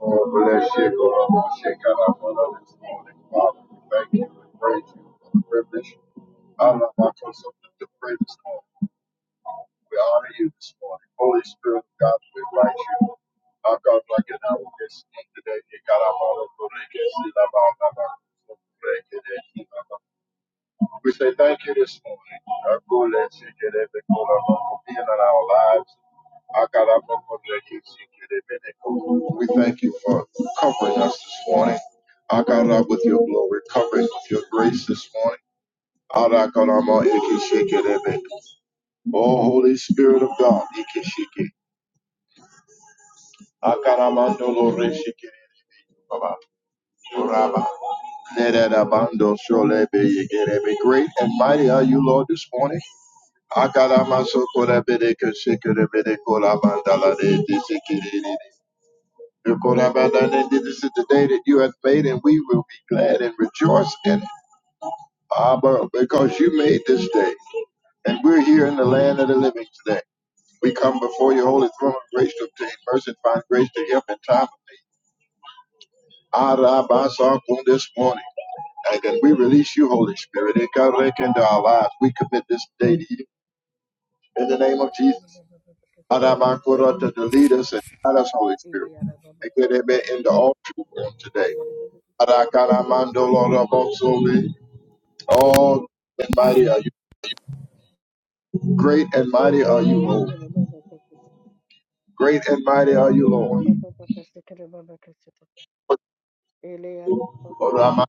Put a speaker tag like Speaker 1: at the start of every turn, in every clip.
Speaker 1: Oh, bless you, God. I Shake out our brother this morning, Father. We thank you and praise you for the privilege. I'm not my person to pray this morning. We honor you this morning. Holy Spirit of God, we invite you. Our God, like an hour this today. You got our brother, but they can see that our brother. We say thank you this morning. Our God, let's seek it, every good and lawful being in our lives. Our God, our Father, let you seek it, every good. We thank you for covering us this morning. Our God, our Lord, with your glory, covering us with your grace this morning. Our God, our Lord, you can shake it, every- God. Oh, Holy Spirit of God, you can shake it. Our God, our Lord, no Lord, let shake it, Baba, Rabba. Let that abando surely be you get every great and mighty are you, Lord, this morning. Akalama sokola bede keshikere bede kola mandala de disikiri. Kola mandala de this is the day that you have made, and we will be glad and rejoice in it, Abba, because you made this day, and we're here in the land of the living today. We come before your holy throne of grace to obtain mercy and find grace to help in time of need. Araba sakun this morning, and then we release you, Holy Spirit, and God reckon to our lives. We commit this day to you in the name of
Speaker 2: Ele
Speaker 1: Jesus. Adabakurata, to lead us and guide us, Holy Spirit. And get it back into all truth on today. Adakaramando Lorabosoli. Oh, and mighty are you. Great and mighty are you, Lord. Great and mighty are you, Lord. Oramasta,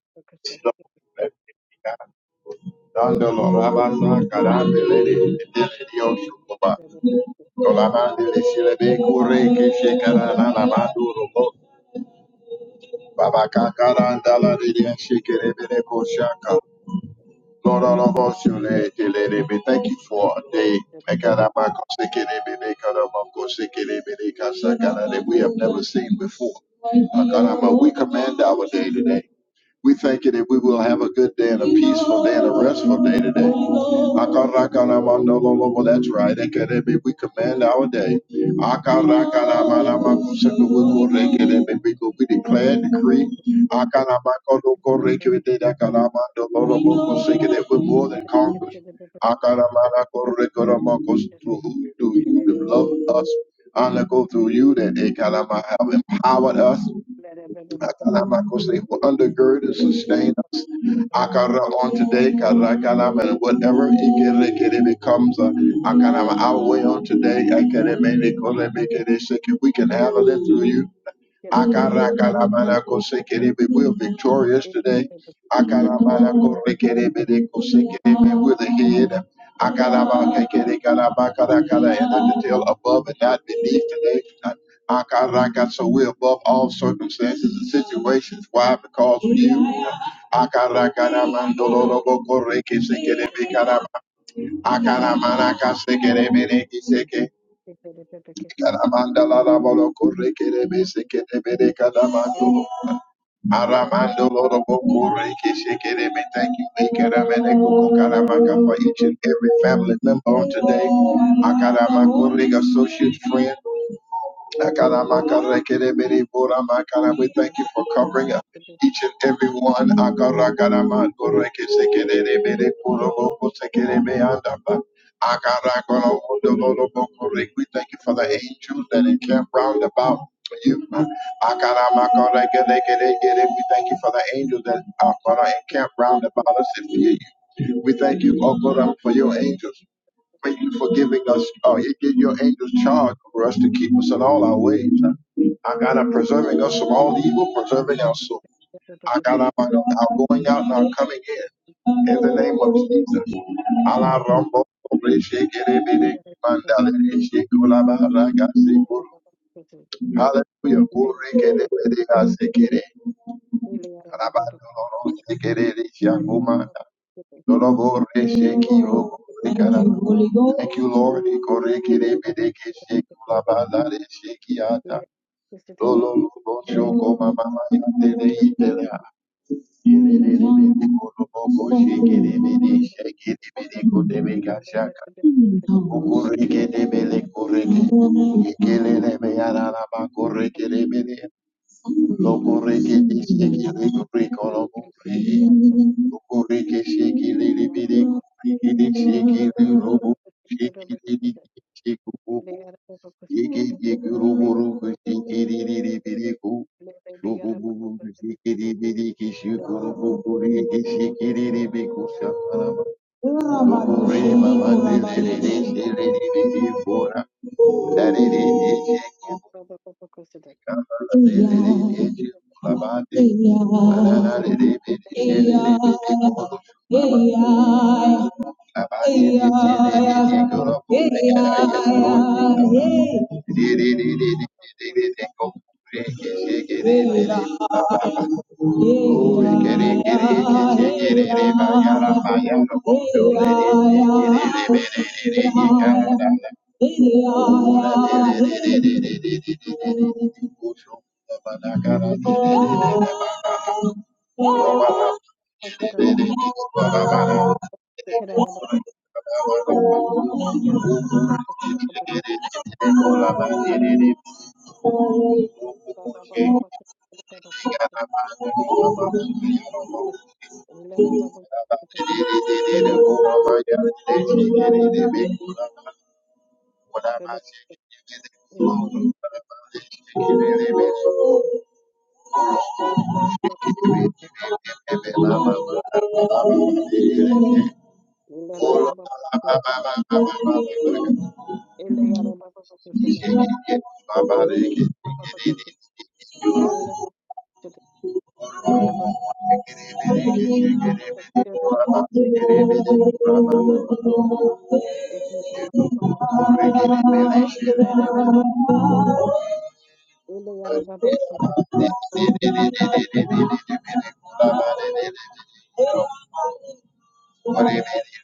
Speaker 1: Dando Lorabasa, Karambelele, Delirioshukoba. Olamandele Silebe Kureke, Shekarana, Namando Baba Kakaranda, Laridia, Shekerebele Koshaka. Lord, all of us, you lay- you lay them in. thank you for a day. Ekarabako sekerebe, ekarabako sekerebe, ekasakarebe, We have never seen before. Akarama, We command our day today. We thank you that we will have a good day and a peaceful day and a restful day today. Akarakaramandololobo, That's right. Ekerebe, We command our day. Akarakaramanamakusakubukurekerebe, We go- we declare and decree. Akaramakonokorekebe, Akaramandololobokosekebe, That we're more than conquerors. Akaramanakorekoramakos, Through who- you do you love us, honor go through you that Ekarama have empowered us. Akalamakos, they will undergird and sustain us. Akara on today, Karakalam, and whatever it becomes uh, Akalam, our way on today, Akalamene, Kolemekere, Sheke, we can handle it through you. Akarakaramanakosekerebe. We're victorious today. Akaramanakorekerebedekosekerebe. We're the head. Akarabakakerekarabakarakara. And not the tail above and not beneath today. Akaraka. So we're above all circumstances and situations. Why? Because of you. Akarakaramandorodoboko rekesekerebe karama. Akaramanakasekereberekiseke.
Speaker 2: Thank
Speaker 1: Karamanda la la bolo corre che le mese che te vede calamando. Aramando loro bocure che se che le me thank you maker amene coco calamaka for each and every family member on today. Akarama corre associate friend. Akaramakarrekereberiboramakara. We thank you for covering up each and every one. Akarakaramanorekesekerebereboroborosekerebeandaba. Akarakorobodoborobokore. We thank you for the angels that encamp round about you. Akaramakarrekerekerekere. We thank you for the angels that are going encamp round about us and fear you. We thank you, O God, for your angels. Thank you for giving us, uh, you give your angels charge over us to keep us in all our ways. Our God, I'm preserving us from all evil, preserving our soul. Our God, I'm, i going out and i coming in. In the name of Jesus. Ala rombo, re sheke re be mandale re sheke ola ba ra Hallelujah. Kore ke de be de ga ro se re shia Dolobore sheki o Thank you, Lord, Thank you, Lord. Ikoreke rebedeke sheku labada re sheki ata. Lolo bo shoko mama maya tele itela. Yele le le le le kolobo ko sheki rebede sheki rebede ko debe gashaka. Ukoreke debe le koreke. Ikele le meyara laba
Speaker 2: you.
Speaker 1: koreke rebede.
Speaker 2: Thank
Speaker 1: Thank you. Hey,
Speaker 2: you. Thank
Speaker 1: Baba,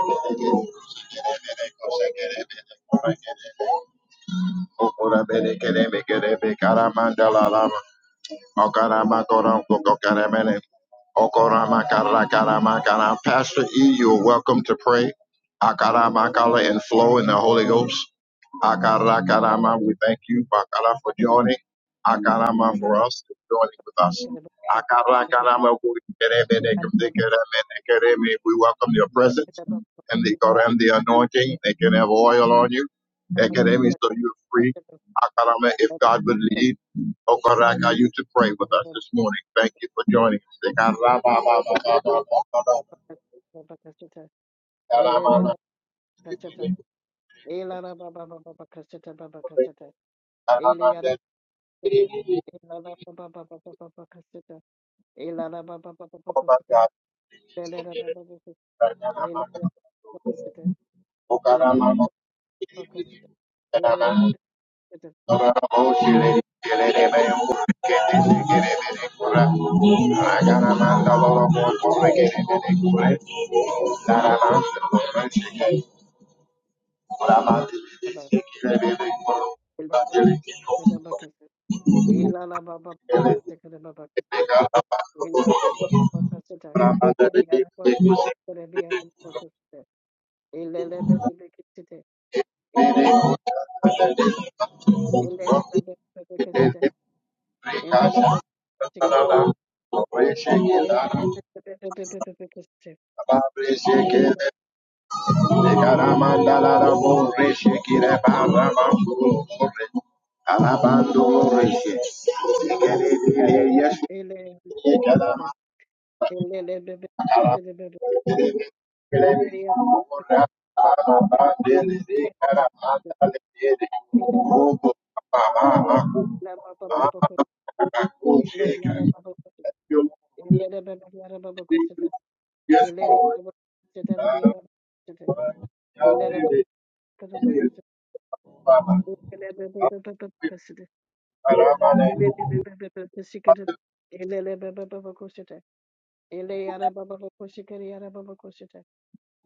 Speaker 1: Karamandala lama Okaramakoramkokokaramele. Okaramakarakaramakara. Pastor E, you are welcome to pray. Akarama, Akaramakala and flow in the Holy Ghost. Akarakarama, we thank you, Bakara, for joining. Akarama for us, for joining with us. Akarakarama, we we welcome your presence and the
Speaker 2: you.
Speaker 1: Koran, the anointing. They can have
Speaker 2: Baba
Speaker 1: oil on you. Academy, so you're free. Akarama, if God would lead. Oh God, I got you to pray with us this morning. Thank you for joining us. Thank
Speaker 2: Ele
Speaker 1: you. Yes,
Speaker 2: Elleri
Speaker 1: Lord.
Speaker 2: araba çetede bir
Speaker 1: Uh,
Speaker 2: araba çetede.
Speaker 1: God
Speaker 2: İleri
Speaker 1: did it.
Speaker 2: bakası
Speaker 1: Yes,
Speaker 2: bakası.
Speaker 1: Baba.
Speaker 2: Elleri bebe bebe bakası.
Speaker 1: Aramanenu.
Speaker 2: Elleri bebe bebe bakası. Elleri bebe bebe bakası. Ele araba baba koşu kere araba baba koşu te.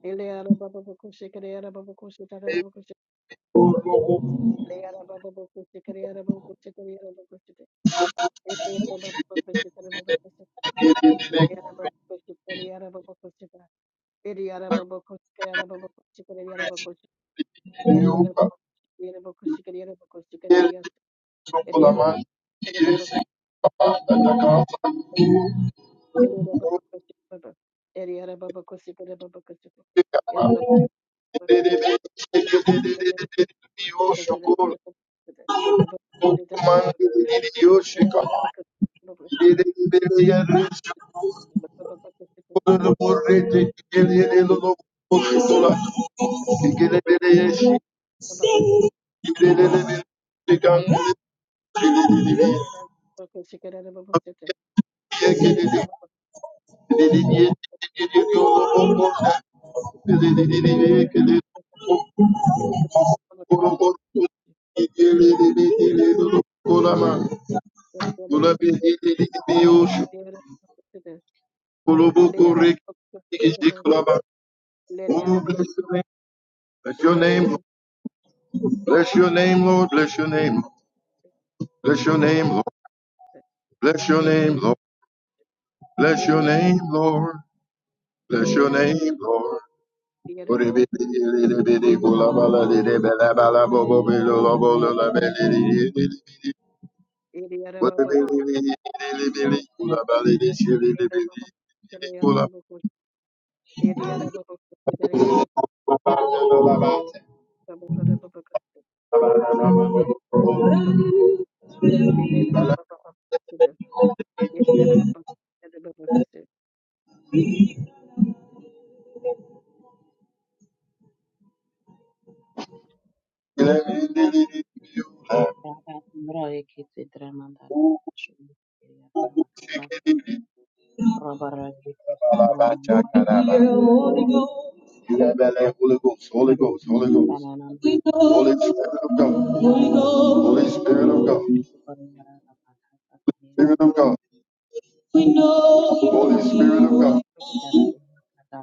Speaker 2: Ele araba baba koşu kere araba baba koşu te araba baba koşu.
Speaker 1: Epuruhu.
Speaker 2: Ele araba baba koşu kere araba baba koşu araba baba koşu araba baba araba baba koşu. araba baba koşu araba baba koşu araba baba koşu araba baba koşu araba baba Eriara
Speaker 1: Rechiniuka.
Speaker 2: Yeraboko Shikariara Boko Shikarias, Eriara
Speaker 1: Yelisukulamani.
Speaker 2: Babako,
Speaker 1: Yesikatakatakataka.
Speaker 2: Eriara Babako Shikaba, Eriara Babako Shikara Babako Shikara, Erabako Babako
Speaker 1: Dedede.
Speaker 2: Shikara, Babako
Speaker 1: Dededededede. Yoshokoro. Okumani. Yoshika. Oh,
Speaker 2: Shikara, Babako Shikara, Eliana
Speaker 1: bless your name. Bless your name. Lord. Bless your name, Lord. Bless your name. Lord. Bless your name, Lord. Bless your name, Lord. Bless your name, Lord. Bless your name, Lord.
Speaker 3: Raba Mura Ekiti Dramandara Shuria Namakata Robara Vikos
Speaker 1: Hear, Holy Ghost.
Speaker 3: Romani
Speaker 1: Holy Ghost, Holy Ghost,
Speaker 3: Rariki
Speaker 1: Holy Ghost,
Speaker 3: Banana
Speaker 1: Holy Spirit of God, Holy Spirit of God,
Speaker 3: Shuria
Speaker 1: Spirit of God, Holy Spirit of God,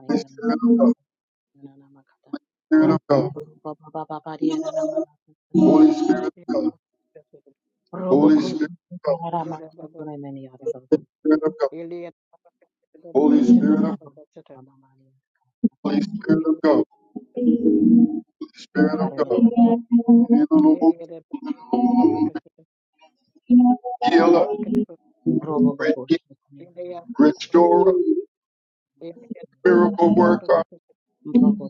Speaker 1: Holy Spirit of God,
Speaker 3: Namakata
Speaker 1: Spirit of God,
Speaker 3: Baba Baba pariyara nama kata
Speaker 1: Holy
Speaker 3: pariyara
Speaker 1: Spirit of
Speaker 2: Ele
Speaker 1: God,
Speaker 3: robo
Speaker 1: Holy Spirit
Speaker 3: kosu
Speaker 1: of God,
Speaker 3: pariyara nama kosu remeni Yara Namakata
Speaker 1: Spirit of God, Holy Spirit of
Speaker 3: Robo Kos Rama Remani
Speaker 1: Holy
Speaker 3: Robo
Speaker 1: Spirit
Speaker 3: Mamani
Speaker 1: of God, Spirit of
Speaker 3: Baria
Speaker 1: God, healer,
Speaker 3: Robo Bosh Namakata
Speaker 1: restorer, miracle worker.
Speaker 3: Brother,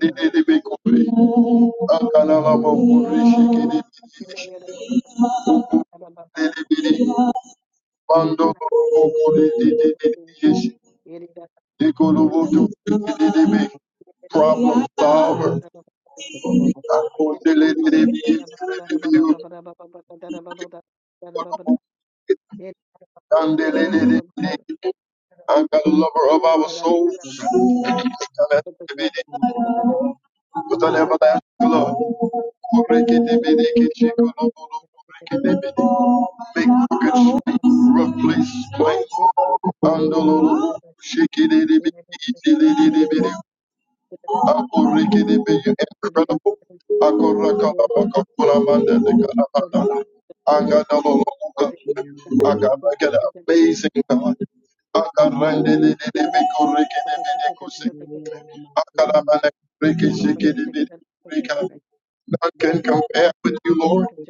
Speaker 3: yeah,
Speaker 1: Akalalabokudishikididididididi. Mandolobokudididididididididi. Ikolobodokidididibi. Problem solver.
Speaker 3: the Baba Bakara,
Speaker 2: Thank
Speaker 1: Akondidididididididididi. Kandidididididi. Anka the lover of our
Speaker 3: the
Speaker 1: souls.
Speaker 3: Baba Seri, and of the
Speaker 1: Kutolebada, Lord.
Speaker 3: Karan,
Speaker 1: Kurekitibidikitshikolobo, kurekitibidi. Make crooked straight, rough place plain. Andolo, shikididibidi, Akorikidebe, You're incredible.
Speaker 3: the Dikin,
Speaker 1: Akorakalabakokulamandelekalabadala. Agadalolokuka.
Speaker 3: Liam Marshall,
Speaker 1: Akarakada, Amazing God.
Speaker 3: and the
Speaker 1: Akarandelelebekorikidebedekusi.
Speaker 3: Kukuri, and the Master from the Kamas,
Speaker 1: Akalabalekorikisikidebede.
Speaker 2: you.
Speaker 3: Kamas, the
Speaker 1: None
Speaker 2: Thank
Speaker 3: Kamas,
Speaker 1: can compare with you, Lord.
Speaker 3: the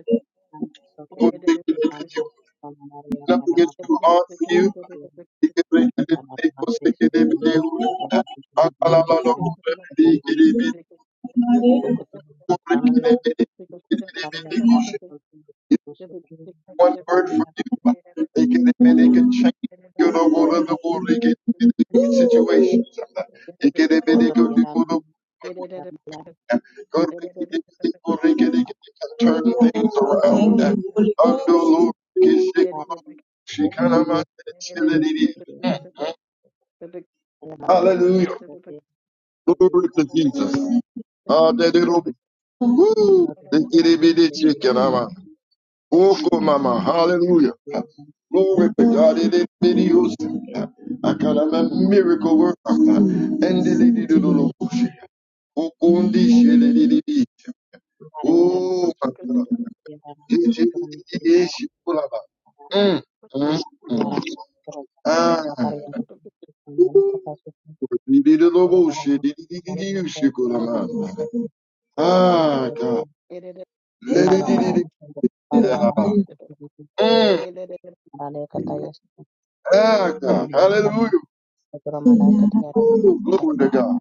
Speaker 3: Kamas, the Kamas,
Speaker 1: Korikidebede.
Speaker 3: the Maria, the Ramas, the Kamas, the Kamas, the Kamas, the Kamas, the
Speaker 1: Nothing is too hard for
Speaker 3: Kamas,
Speaker 1: you.
Speaker 3: the Kamas, the Kamas,
Speaker 1: Akalabalokurebedekidebede. One
Speaker 3: Thank
Speaker 1: word from you, they can they can change your situations. They can they can go to go to go to can turn things around. Under Lord, she can Hallelujah. Glory to Jesus. Ah, that
Speaker 2: you.
Speaker 1: little they can be the chicken. Oko mama, hallelujah. Glory to God. It is the use. I can have a miracle work. And the lady do do do. Oko ndi she di di di di. Oh my God. Di di di di di she pull up. Mm, mm,
Speaker 3: Yara
Speaker 1: mm.
Speaker 3: toro
Speaker 1: Ah.
Speaker 3: kachatar yara mana kapasu
Speaker 1: Di di do do
Speaker 3: kapaya
Speaker 1: bo she
Speaker 3: yara
Speaker 1: di di di
Speaker 3: kapala
Speaker 1: di di
Speaker 3: mata
Speaker 1: she pull
Speaker 3: kiri yara
Speaker 1: up.
Speaker 3: mana kapala mama
Speaker 1: Ah
Speaker 3: kiri
Speaker 1: God. Di di
Speaker 3: mba
Speaker 1: di
Speaker 3: yara
Speaker 1: di di
Speaker 3: rabu kiri
Speaker 1: di
Speaker 3: pare
Speaker 1: da.
Speaker 3: yara rabu kiri kiri mana
Speaker 1: Mm.
Speaker 3: mana mana kata yes
Speaker 1: Ah God.
Speaker 3: kiri kata
Speaker 1: Hallelujah.
Speaker 3: kiri mana
Speaker 1: Ooh,
Speaker 3: kiri yara mana kiri
Speaker 1: glory to
Speaker 3: yara
Speaker 1: God.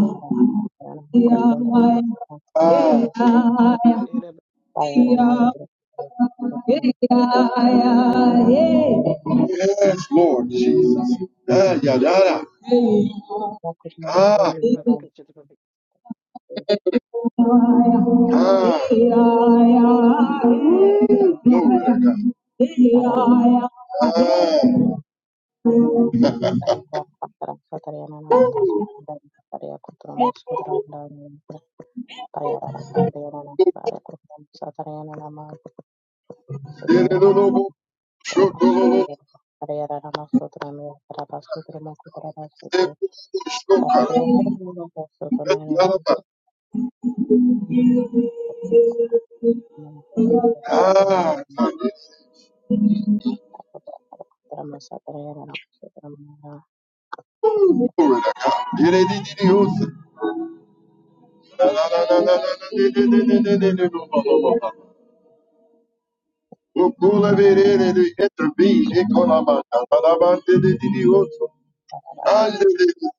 Speaker 3: mana yara kosondra mana mana kiri
Speaker 1: Ah,
Speaker 3: pare yara rabu kiri kiri yara mana kiri yara
Speaker 1: yes, Lord Jesus. Ah, yeah, yeah, yeah.
Speaker 2: Thank
Speaker 1: Ah, ah.
Speaker 3: kiri
Speaker 1: Ooh, glory to God. Ah. Yeah,
Speaker 3: yara Pariyaka patara satariyana namata sukundari patariya kutramo sukundram dharma pariyara raka pariyara namata arya kutram satariyana nama pariyara
Speaker 1: yeah,
Speaker 3: rama
Speaker 1: yeah,
Speaker 3: kutrama sukundram pariyara rama sutram ya parapa sutramo kutrama sutram patariya rama namata sukundari
Speaker 1: yeah, yeah.
Speaker 3: nama
Speaker 1: Ah,
Speaker 3: kutrama satariyana nama sutram ya
Speaker 1: glory to God. Yididididiyos. La, la, la, la, la, la, la, di, di, di, di, di, di, di, bo, bo, bo, bo. Ukule biri di, di, Intervene. Ikolama, la, la, la, di, di, di, diyos.
Speaker 3: parapa
Speaker 1: Under the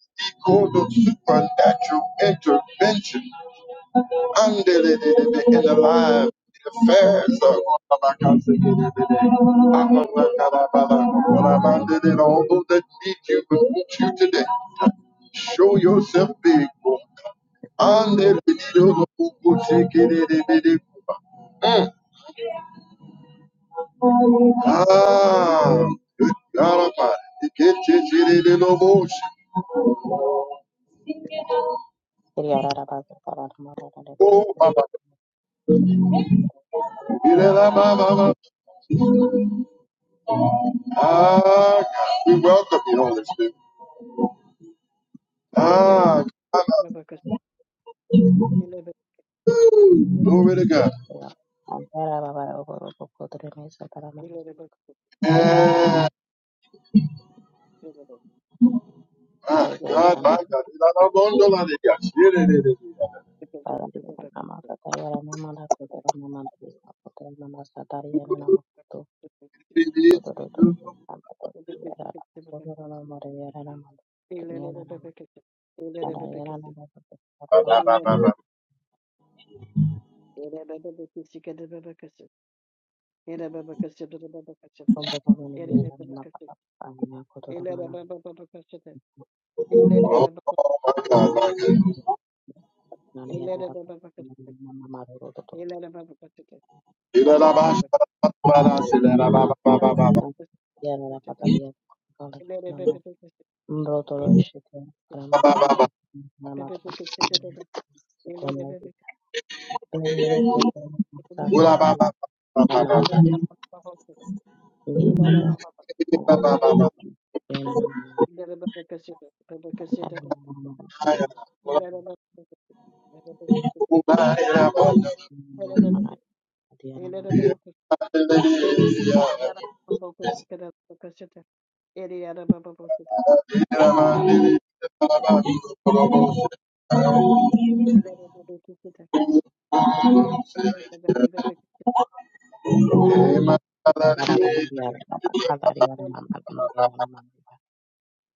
Speaker 1: code of supernatural intervention, under the in the
Speaker 3: sutram
Speaker 1: life, the affairs of all those that need you will meet you today. Show yourself big. Under the Mm. Ah, good God Almighty.
Speaker 3: pariyara rama kutrama namata arya
Speaker 1: Oh,
Speaker 3: kutram
Speaker 1: Baba. Irela
Speaker 3: satariyana
Speaker 1: Baba. Ah, we welcome you, Holy Spirit. Ah, Baba. Glory to God.
Speaker 3: antara babara oboro kutrama satariyana
Speaker 1: Eh, my God,
Speaker 3: Revearam
Speaker 1: my God. Irela Bondo La Liga. Irelelele.
Speaker 3: para Diana Namaka Tayara Namada Kodara Namadi Apotara Namasa Tariana Namakutu Kodoro Nampato Tiara Sodoro Namariara Namad Tiniana Namad Padayana Namakato
Speaker 1: Baba,
Speaker 3: Mato
Speaker 1: Baba,
Speaker 3: Solo
Speaker 1: Baba.
Speaker 2: Ele
Speaker 3: Pombo Pomini Yara Namaka Anina Kodoro Mana Matari Nariara Namamaru Rodoto
Speaker 1: Irela Baba. Baba, Irela Baba, Baba, Baba,
Speaker 3: Yara Pataria Kali Mbrotolosheto
Speaker 1: Baba,
Speaker 3: Kramasanda
Speaker 1: Baba.
Speaker 3: Kramata Kramari Pendroke
Speaker 1: Ula
Speaker 3: Sandara
Speaker 1: Baba, Baba, Baba,
Speaker 3: Kramata
Speaker 1: Baba.
Speaker 3: Ekotom
Speaker 1: Irela Baba,
Speaker 3: Kalamata
Speaker 1: Ula
Speaker 3: Yanamana Kalamana Kramas
Speaker 1: Baba. Ula Baba, Irela Bondo
Speaker 3: Kurakana Dianam so
Speaker 1: La Liga. Irela
Speaker 2: Yara baba koşkara bakasıta. Eri yara baba koşkara.
Speaker 1: Baba,
Speaker 2: Yara yara baba ileri baba koşkara. Olay baba baba koşkara. Ele baba
Speaker 1: Irela Bondo La Liga.
Speaker 2: koşkara.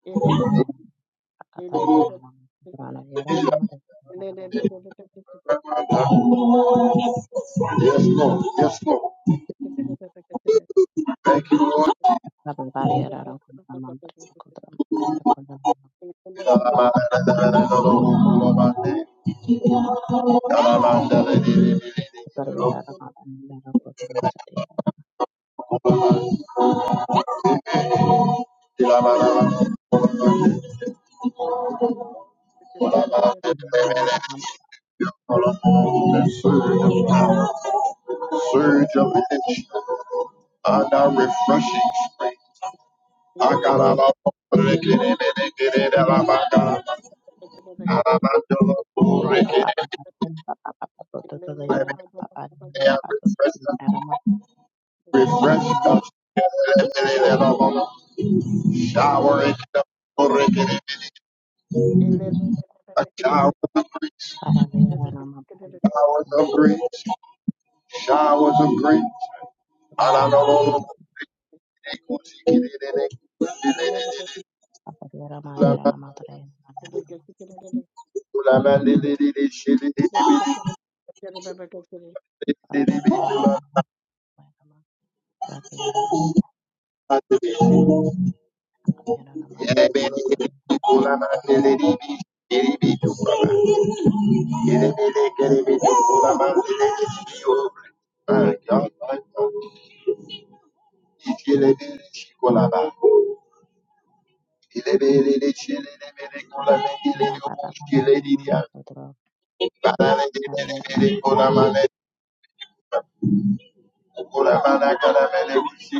Speaker 2: Ele baba ele baba koşkara. Ele baba baba koşkara. Ele baba koşkara. Ele baba ele baba baba koşkara. Ele
Speaker 3: Yarana
Speaker 1: Yes, Lord. Yes, Lord.
Speaker 2: baba baba baba koşkara. Ele baba baba ele baba koşkara. Ele
Speaker 1: Thank you.
Speaker 2: baba
Speaker 1: The
Speaker 3: Para riera raba tara riera
Speaker 2: ele
Speaker 3: mama
Speaker 1: surge of power, surge of energy, and a refreshing strength. I got a lot of refresh
Speaker 2: baba koşkara. Ele
Speaker 3: mara
Speaker 1: us, shower it up, a shower, showers of grace, showers of grace. Thank
Speaker 3: mara raba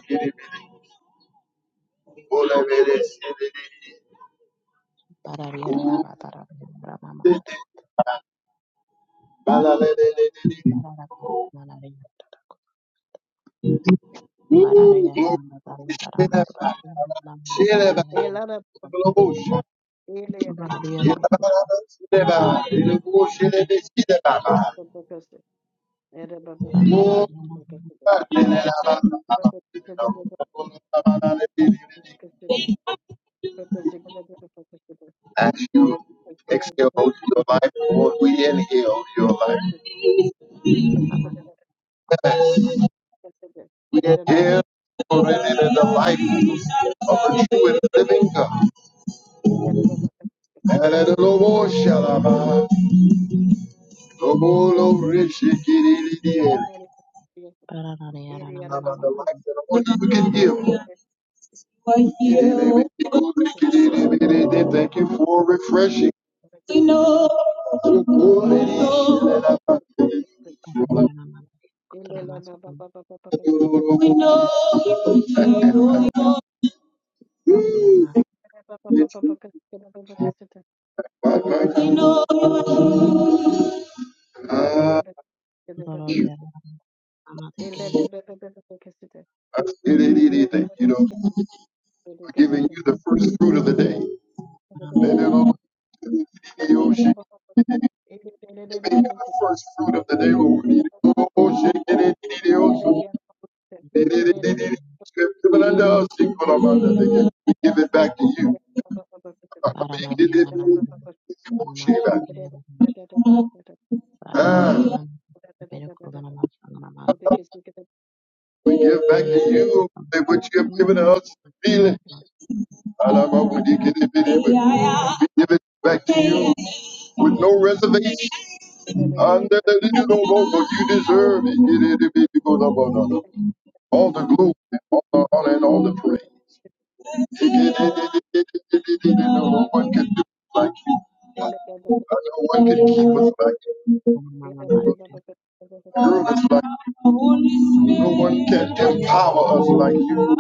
Speaker 1: you. As
Speaker 3: mara riera. Barara yarana madara madara madara madara madara madara barara yarana barara yarana madara
Speaker 1: you exhale your life, Lord, we inhale your life.
Speaker 3: madara madara mama
Speaker 1: We inhale already the life of a true and living God. Hallelujah. Obolo rishikiriririe.
Speaker 2: Ele
Speaker 1: About
Speaker 3: barara yarana mama mama
Speaker 1: the life that only you can give. Thank you for refreshing. We know. We
Speaker 3: yarana mama kutra masa
Speaker 1: know. We
Speaker 3: yarana
Speaker 1: know. Ah,
Speaker 3: barara yarana mama tekeriya
Speaker 1: kiririririri. Thank you Lord, for giving you the first fruit of the day.
Speaker 3: barama yarana mama katra
Speaker 1: giving you the first fruit of the day, Lord. Oh, shake it, it, it, also. It, it,
Speaker 3: masa
Speaker 1: it, it, it.
Speaker 3: yarana
Speaker 1: Strip the banana, sing for the mother, they give we give it back to you.
Speaker 2: Thank
Speaker 3: barama
Speaker 1: We give it-
Speaker 3: yarana mama
Speaker 1: we
Speaker 3: kutra
Speaker 1: give it
Speaker 3: masa
Speaker 1: back.
Speaker 3: yarana barana
Speaker 1: Ah,
Speaker 3: kutra mere kutra masa mama
Speaker 1: we give back
Speaker 3: baraya
Speaker 1: to you that what you have given us. Feel it. Alaba, we give it back. We give it back to you with no reservation. Under the little logo you deserve. it. All the glory, all the honor, and all the praise. No one can do us like you. No one can keep us like you.
Speaker 3: Mama, Thank you.
Speaker 1: Rule us like you. No one can empower us like you.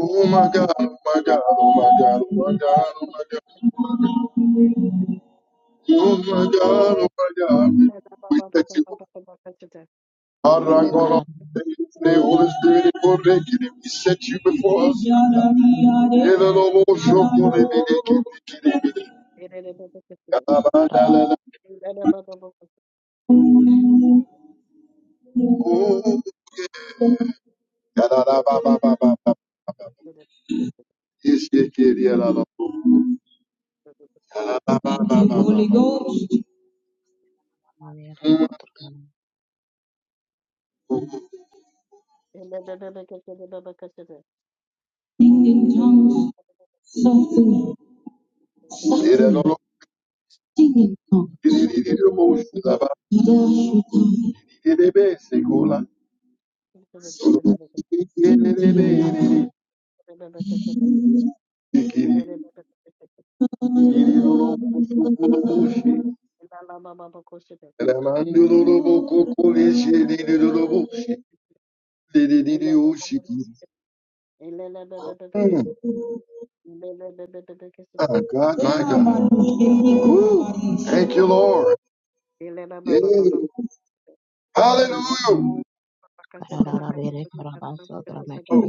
Speaker 1: Oh
Speaker 2: you.
Speaker 1: my God, oh my God, oh my God, oh my God, oh my
Speaker 2: Ele
Speaker 1: God, oh my God, oh my God. We thank you. Arangolo, the Holy Spirit, Korekiri, we set you before us. Elolobo, Shokore, Bideki, Bideki, Bideki, Kalabalala. Oh, Kalalababababa. Iskekiri, Elalobo. Kalalababababa. Holy Ghost, Mm. sing in tongues, softly, softly, Elolobo. sing in tongues. Iriririrobo, Shilaba. Idashita. Irirebe, Sekola. Mm. Ah, God, my God. Woo. Thank you,
Speaker 2: Thank
Speaker 1: Lord. Yeah. Hallelujah. Oh. Mm.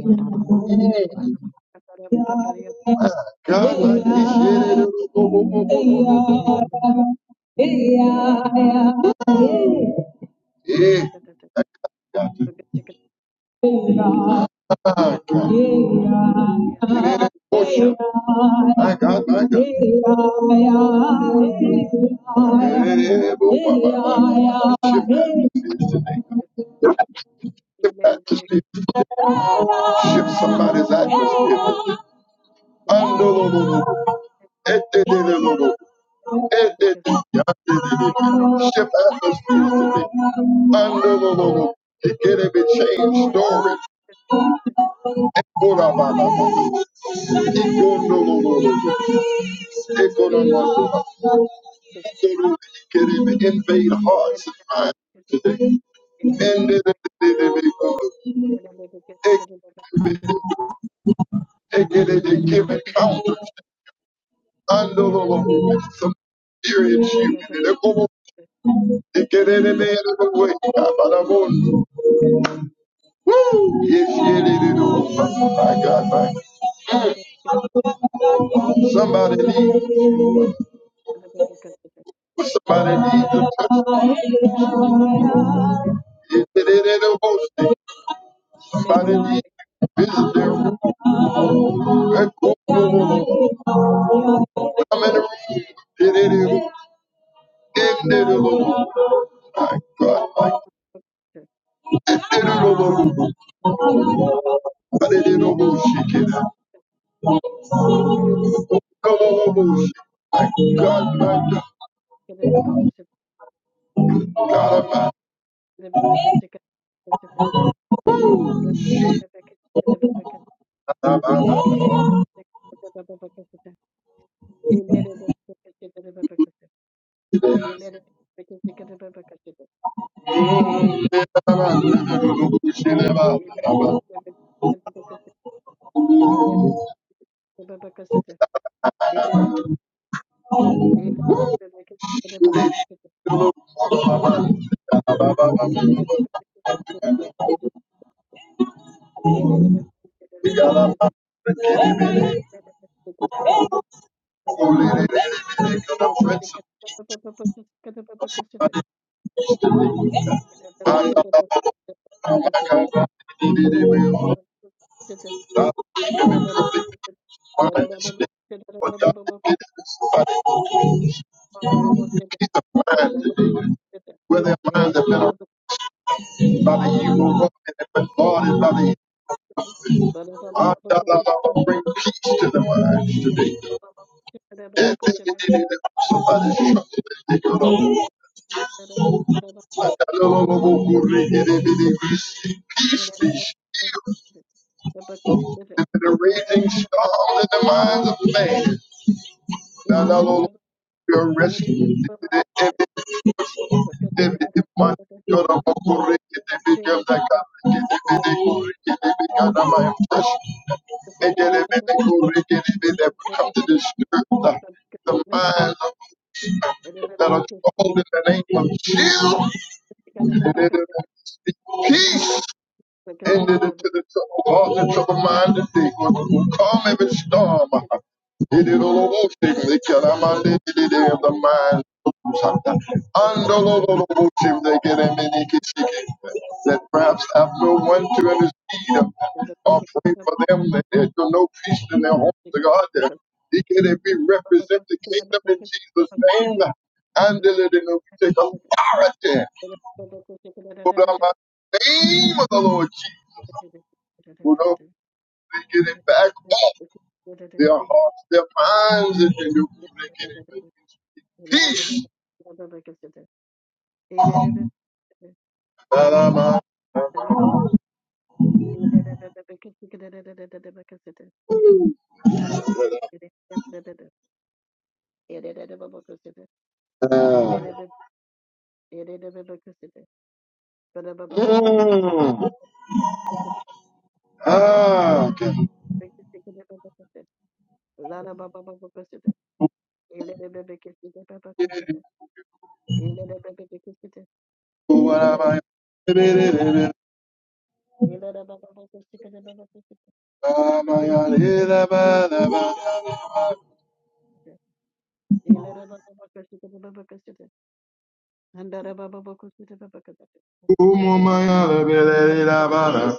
Speaker 1: My God, my God. Yeah. Yeah. My God. Let worship. My God, my God. Shift atmospheres today. Shift somebody's atmosphere. Shift atmospheres today. It can be changed stories. Kora baba baba. Ikondololo. Ekonomando. Ikoro kerebe. Invade hearts and minds today. And then they may go. Ekere they give encounters.
Speaker 2: you.
Speaker 1: Andololo. Some experience you.
Speaker 2: Ele
Speaker 1: And they go. Ekere they may have a way. Abadabondo. Woo! Yes, yeah, they do. My God, my God. Somebody needs. Somebody needs to touch. If it ain't a boasting, somebody needs to visit their room. I go over, I'm in a room. Did it in in it alone. Did it alone. I did it alone. She can have. No, no, no, no. My God, my God. God, I'm out. I'm out.
Speaker 2: Thank
Speaker 1: She live out. I'm out. Oh, lady, lady, lady, come on, friends. Oh, my God. Did it in real. I'm fine. But God, where their minds have been
Speaker 2: Thank
Speaker 1: arranged by the evil one and have been guarded by the evil one. Ah, da, Bring peace to their minds today. That thing that they did, somebody's trouble that they go know. Ah, the raging storm in the minds of man. We're rescued. The the minds that are called in the name of Jesus. Peace ended
Speaker 2: you.
Speaker 1: into the trouble, caused the trouble mind to think, calm every storm.
Speaker 2: Thank
Speaker 1: Did it is all over, shake me, can I mind it, did it in the mind. Andolololobotsim, they get a mini kishiki. That perhaps have no one to intercede or pray for them, that there's no peace in their homes, God. they He can we represent the kingdom in Jesus' name. And they let it know we take authority over the name of the Lord Jesus. They get it back off their hearts, their minds, and they do good. they get it back. Peace. Ba-da-ba.
Speaker 2: you. Ele
Speaker 1: Ah. Mm. Ah, okay. Ba-da-ba. Ba-da-ba. Ba-da-ba. Ba-da-ba. Ba-da-ba.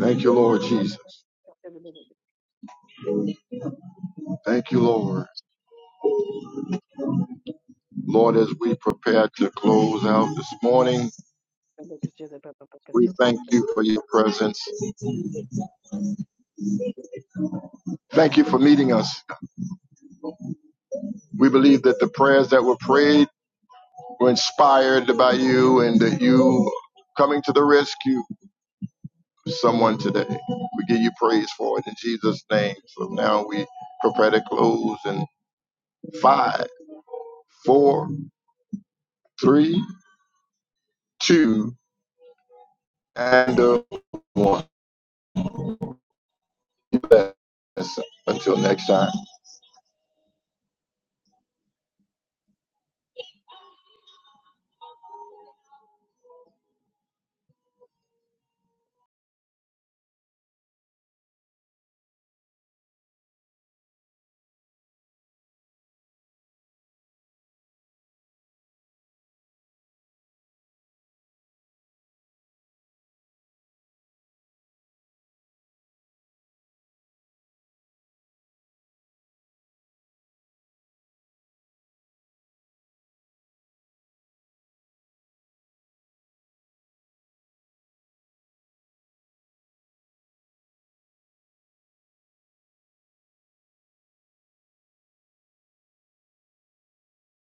Speaker 1: Thank you, Lord Jesus. Thank you, Lord. Lord, as we prepare to close out this morning, we thank you for your presence. Thank you for meeting us. We believe that the prayers that were prayed were inspired by you and that you coming to the rescue of someone today. We give you praise for it in Jesus' name. So now we prepare to close in five, four, three, two, and uh, one. Until next time.